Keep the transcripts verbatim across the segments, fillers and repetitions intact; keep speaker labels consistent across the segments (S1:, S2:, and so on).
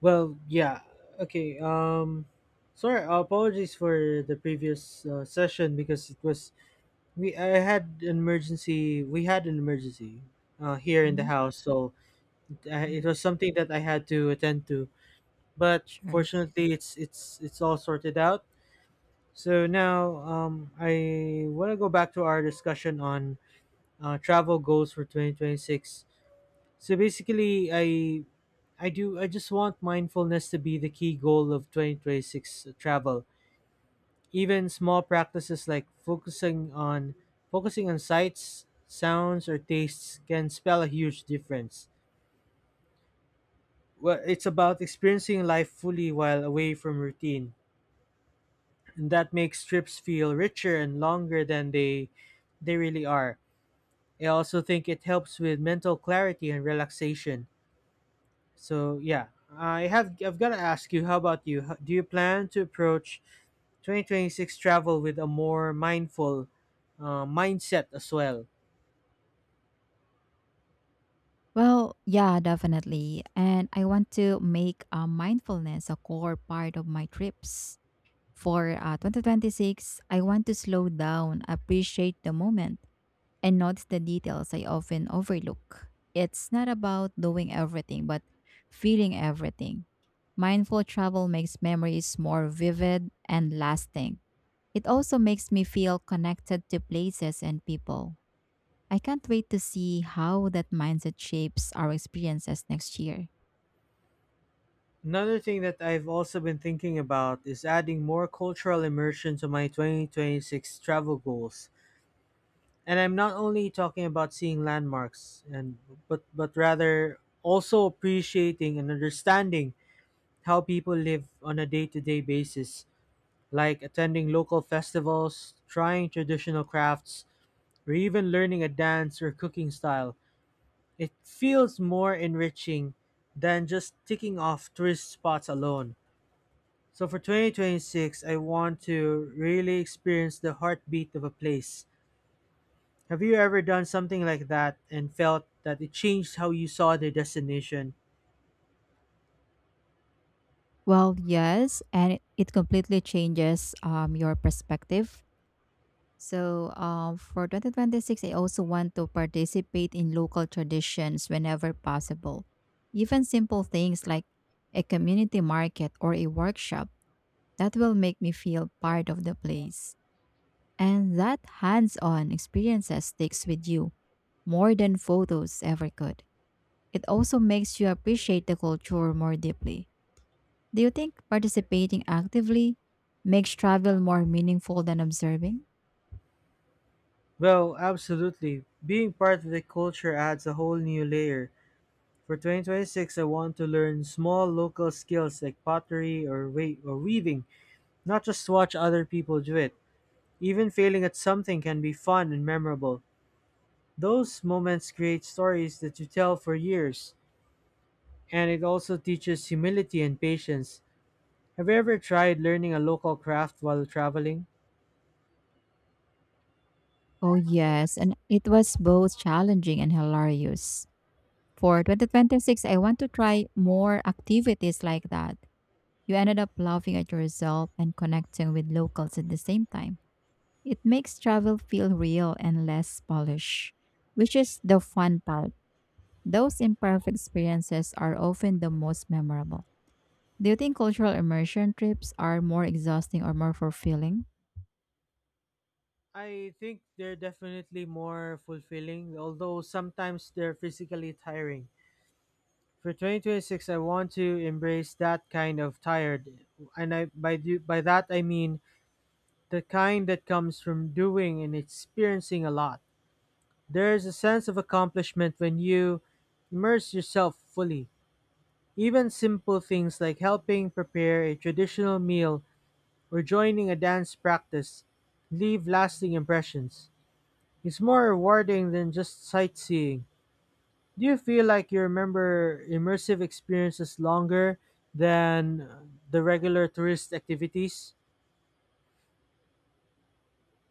S1: Well, yeah. Okay. Um, sorry. Uh, Apologies for the previous uh, session because it was we. I had an emergency. We had an emergency uh, here in the
S2: Mhm,
S1: house, so uh,
S2: mhm.
S1: it was something that I had to attend to. But
S2: Sure.
S1: fortunately, it's it's it's all sorted out. So now, um, I want to go back to our discussion on uh, travel goals for twenty twenty six. So basically, I I do I just want mindfulness to be the key goal of twenty twenty six travel. Even small practices like focusing on focusing on sights, sounds or tastes can spell a huge difference. Well, it's about experiencing life fully while away from routine, and that makes trips feel richer and longer than they they really are. I also think it helps with mental clarity and relaxation. So yeah, I have I've got to ask you. How about you? How- Do you plan to approach twenty twenty six travel with a more mindful uh, mindset as well?
S2: Well, yeah, definitely. And I want to make uh, mindfulness a core part of my trips. For uh, two thousand twenty-six, I want to slow down, appreciate the moment, and notice the details I often overlook. It's not about doing everything, but feeling everything. Mindful travel makes memories more vivid and lasting. It also makes me feel connected to places and people. I can't wait to see how that mindset shapes our experiences next year.
S1: Another thing that I've also been thinking about is adding more cultural immersion to my twenty twenty six travel goals. And I'm not only talking about seeing landmarks and but but rather also appreciating and understanding how people live on a day-to-day basis, like attending local festivals, trying traditional crafts, or even learning a dance or cooking style. It feels more enriching than just ticking off tourist spots alone. So for twenty twenty six, I want to really experience the heartbeat of a place. Have you ever done something like that and felt that it changed how you saw the destination?
S2: Well, yes, and it, it completely changes um, your perspective. So, um, for twenty twenty-six, I also want to participate in local traditions whenever possible. Even simple things like a community market or a workshop that will make me feel part of the place. And that hands on experiences sticks with you more than photos ever could. It also makes you appreciate the culture more deeply. Do you think participating actively makes travel more meaningful than observing?
S1: Well, absolutely. Being part of the culture adds a whole new layer. For twenty twenty six, I want to learn small local skills like pottery or, we- or weaving, not just watch other people do it. Even failing at something can be fun and memorable. Those moments create stories that you tell for years, and it also teaches humility and patience. Have you ever tried learning a local craft while traveling?
S2: Oh, yes, and it was both challenging and hilarious. For twenty twenty-six, I want to try more activities like that. You ended up laughing at yourself and connecting with locals at the same time. It makes travel feel real and less polished, which is the fun part. Those imperfect experiences are often the most memorable. Do you think cultural immersion trips are more exhausting or more fulfilling?
S1: I think they're definitely more fulfilling, although sometimes they're physically tiring. For twenty twenty six, I want to embrace that kind of tired, and I by do, by that I mean the kind that comes from doing and experiencing a lot. There is a sense of accomplishment when you immerse yourself fully. Even simple things like helping prepare a traditional meal or joining a dance practice leave lasting impressions. It's more rewarding than just sightseeing. Do you feel like you remember immersive experiences longer than uh, the regular tourist activities?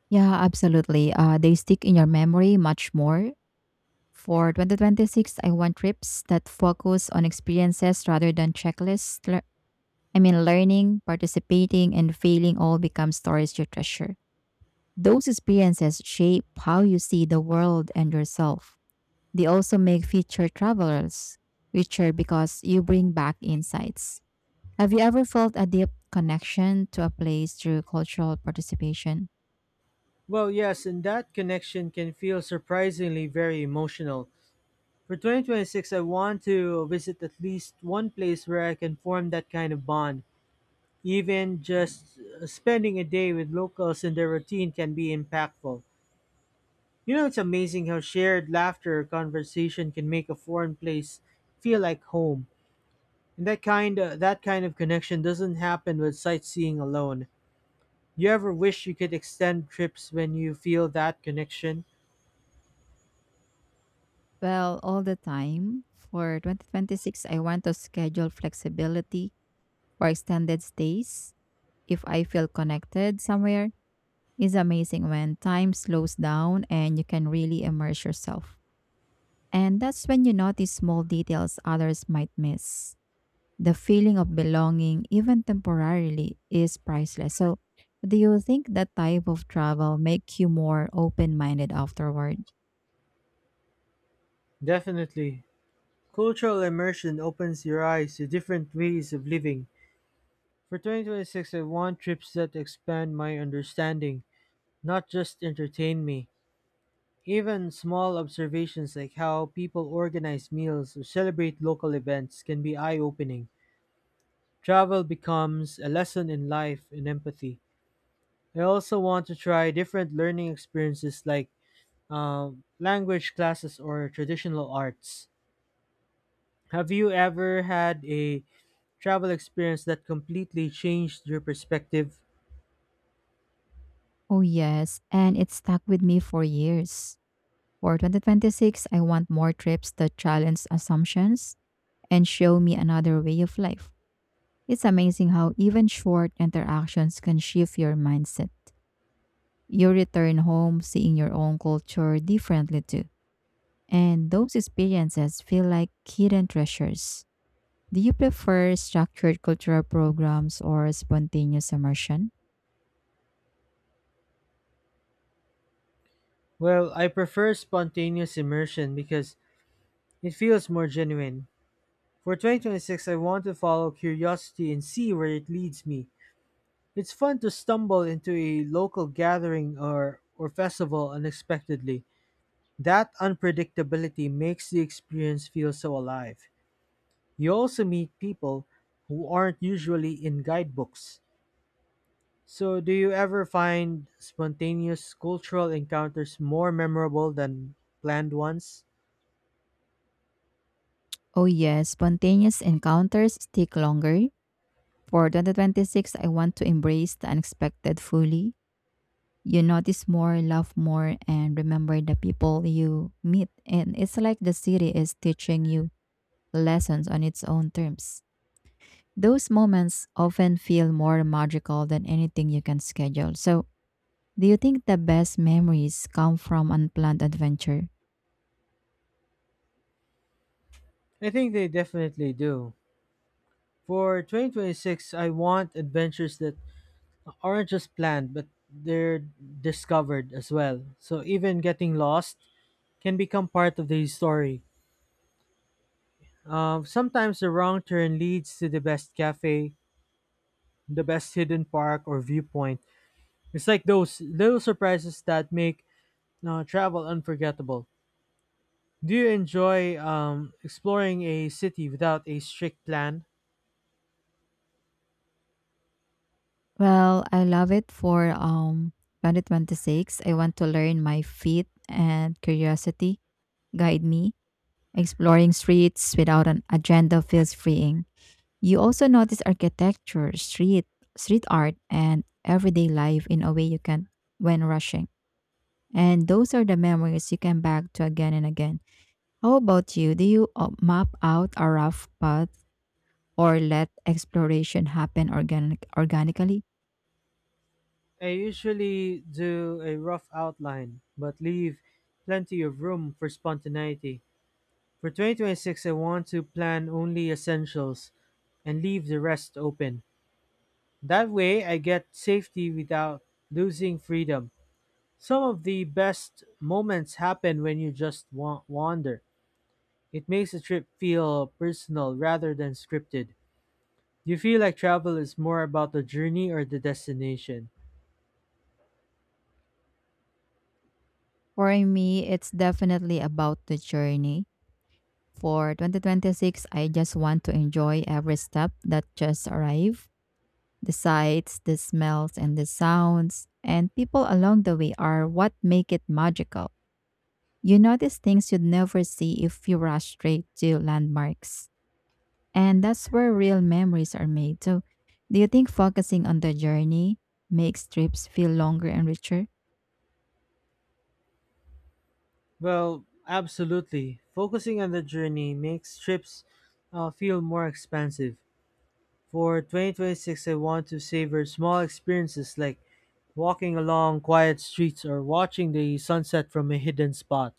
S2: Yeah, absolutely. Uh, they stick in your memory much more. For twenty twenty-six, I want trips that focus on experiences rather than checklists. Lear- I mean, learning, participating, and failing all become stories you treasure. Those experiences shape how you see the world and yourself. They also make future travelers richer because you bring back insights. Have you ever felt a deep connection to a place through cultural participation?
S1: Well, yes, and that connection can feel surprisingly very emotional. For twenty twenty six, I want to visit at least one place where I can form that kind of bond. Even just uh, spending a day with locals and their routine can be impactful. You know, it's amazing how shared laughter or conversation can make a foreign place feel like home. And that kind that kind of connection doesn't happen with sightseeing alone. You ever wish you could extend trips when you feel that connection?
S2: Well, all the time. For twenty twenty-six, I want to schedule flexibility for extended stays. If I feel connected somewhere, it's amazing when time slows down and you can really immerse yourself. And that's when you notice small details others might miss. The feeling of belonging, even temporarily, is priceless. So, do you think that type of travel make you more open-minded afterward?
S1: Definitely. Cultural immersion opens your eyes to different ways of living. For twenty twenty six, I want trips that expand my understanding, not just entertain me. Even small observations like how people organize meals or celebrate local events can be eye opening. Travel becomes a lesson in life and empathy. I also want to try different learning experiences like um, language classes or traditional arts. Have you ever had a travel experience that completely changed your perspective?
S2: Oh yes, and it stuck with me for years. For twenty twenty-six, I want more trips that challenge assumptions and show me another way of life. It's amazing how even short interactions can shift your mindset. You return home seeing your own culture differently too. And those experiences feel like hidden treasures. Do you prefer structured cultural programs or spontaneous immersion?
S1: Well, I prefer spontaneous immersion because it feels more genuine. For twenty twenty six, I want to follow curiosity and see where it leads me. It's fun to stumble into a local gathering or, or festival unexpectedly. That unpredictability makes the experience feel so alive. You also meet people who aren't usually in guidebooks. So, do you ever find spontaneous cultural encounters more memorable than planned ones?
S2: Oh, yes, spontaneous encounters stick longer. For twenty twenty-six, I want to embrace the unexpected fully. You notice more, love more, and remember the people you meet. And it's like the city is teaching you lessons on its own terms. Those moments often feel more magical than anything you can schedule. So, do you think the best memories come from unplanned adventure?
S1: I think they definitely do. For twenty twenty six, I want adventures that aren't just planned, but they're discovered as well. So, even getting lost can become part of the story. Um, sometimes the wrong turn leads to the best cafe, the best hidden park or viewpoint. It's like those little surprises that make uh, travel unforgettable. Do you enjoy um, exploring a city without a strict plan?
S2: Well, I love it for um twenty twenty-six. I want to learn my feet and curiosity guide me. Exploring streets without an agenda feels freeing. You also notice architecture, street, street art, and everyday life in a way you can when rushing. And those are the memories you can back to again and again. How about you? Do you uh, map out a rough path or let exploration happen organic- organically?
S1: I usually do a rough outline, but leave plenty of room for spontaneity. For twenty twenty six, I want to plan only essentials and leave the rest open. That way, I get safety without losing freedom. Some of the best moments happen when you just wa- wander. It makes the trip feel personal rather than scripted. Do you feel like travel is more about the journey or the destination?
S2: For me, it's definitely about the journey. For twenty twenty-six, I just want to enjoy every step that just arrived. The sights, the smells, and the sounds, and people along the way are what make it magical. You notice things you'd never see if you rush straight to landmarks. And that's where real memories are made. So, do you think focusing on the journey makes trips feel longer and richer?
S1: Well, absolutely. Focusing on the journey makes trips uh, feel more expansive. For twenty twenty six, I want to savor small experiences like walking along quiet streets or watching the sunset from a hidden spot.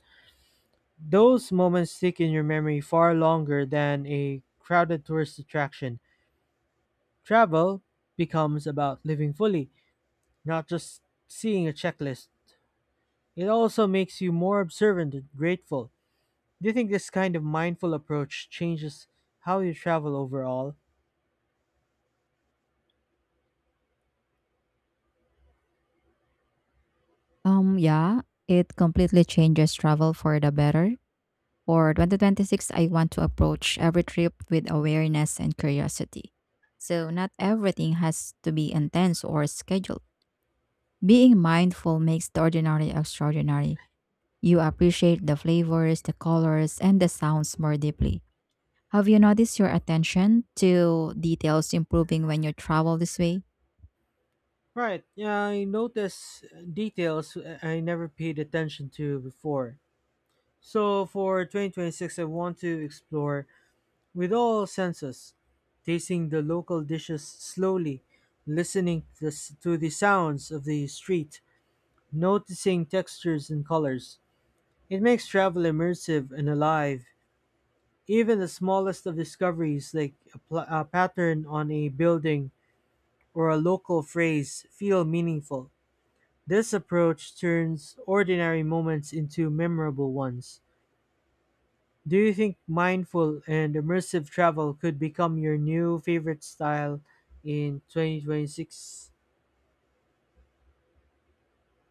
S1: Those moments stick in your memory far longer than a crowded tourist attraction. Travel becomes about living fully, not just seeing a checklist. It also makes you more observant and grateful. Do you think this kind of mindful approach changes how you travel overall?
S2: Um, yeah, it completely changes travel for the better. For twenty twenty-six, I want to approach every trip with awareness and curiosity. So, not everything has to be intense or scheduled. Being mindful makes the ordinary extraordinary. You appreciate the flavors, the colors, and the sounds more deeply. Have you noticed your attention to details improving when you travel this way?
S1: Right, yeah, I notice details I never paid attention to before. So for twenty twenty six, I want to explore with all senses, tasting the local dishes slowly, listening to the, s- to the sounds of the street, noticing textures and colors. It makes travel immersive and alive. Even the smallest of discoveries, like a, pl- a pattern on a building or a local phrase, feel meaningful. This approach turns ordinary moments into memorable ones. Do you think mindful and immersive travel could become your new favorite style in twenty twenty six?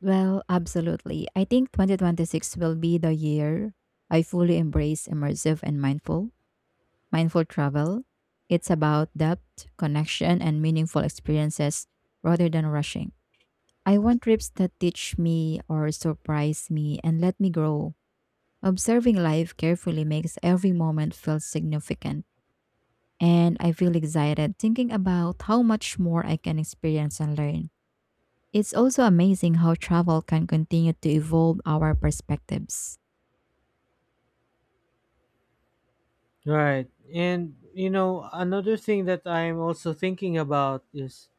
S2: Well, absolutely. I think twenty twenty-six will be the year I fully embrace immersive and mindful, mindful travel. It's about depth, connection, and meaningful experiences rather than rushing. I want trips that teach me or surprise me and let me grow. Observing life carefully makes every moment feel significant, and I feel excited thinking about how much more I can experience and learn. It's also amazing how travel can continue to evolve our perspectives.
S1: Right. And you know, another thing that I'm also thinking about is,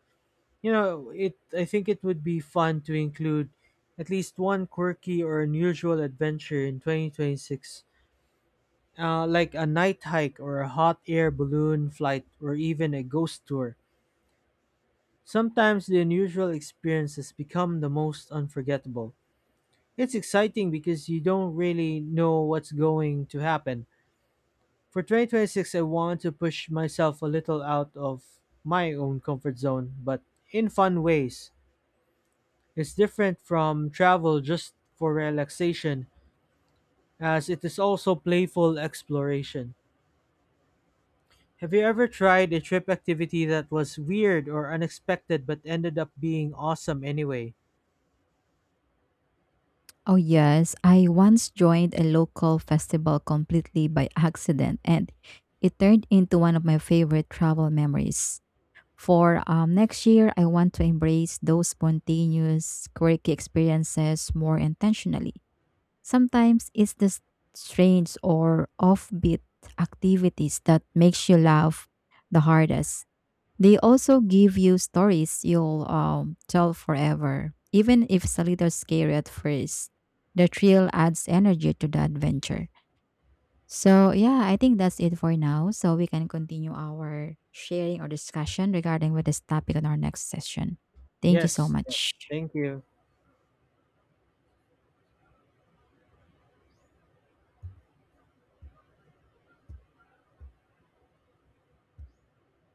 S1: you know, it I think it would be fun to include at least one quirky or unusual adventure in twenty twenty six. Uh, like a night hike or a hot air balloon flight or even a ghost tour. Sometimes the unusual experiences become the most unforgettable. It's exciting because you don't really know what's going to happen. For twenty twenty six, I want to push myself a little out of my own comfort zone, but in fun ways. It's different from travel just for relaxation, as it is also playful exploration. Have you ever tried a trip activity that was weird or unexpected but ended up being awesome anyway?
S2: Oh, yes, I once joined a local festival completely by accident, and it turned into one of my favorite travel memories. For um, next year, I want to embrace those spontaneous, quirky experiences more intentionally. Sometimes it's the s- strange or offbeat activities that makes you laugh the hardest. They also give you stories you'll um, tell forever, even if it's a little scary at first. The thrill adds energy to the adventure. So, yeah, I think that's it for now. So, we can continue our sharing or discussion regarding with this topic on our next session. Thank you so
S1: Yes, yes.
S2: much.
S1: Thank you.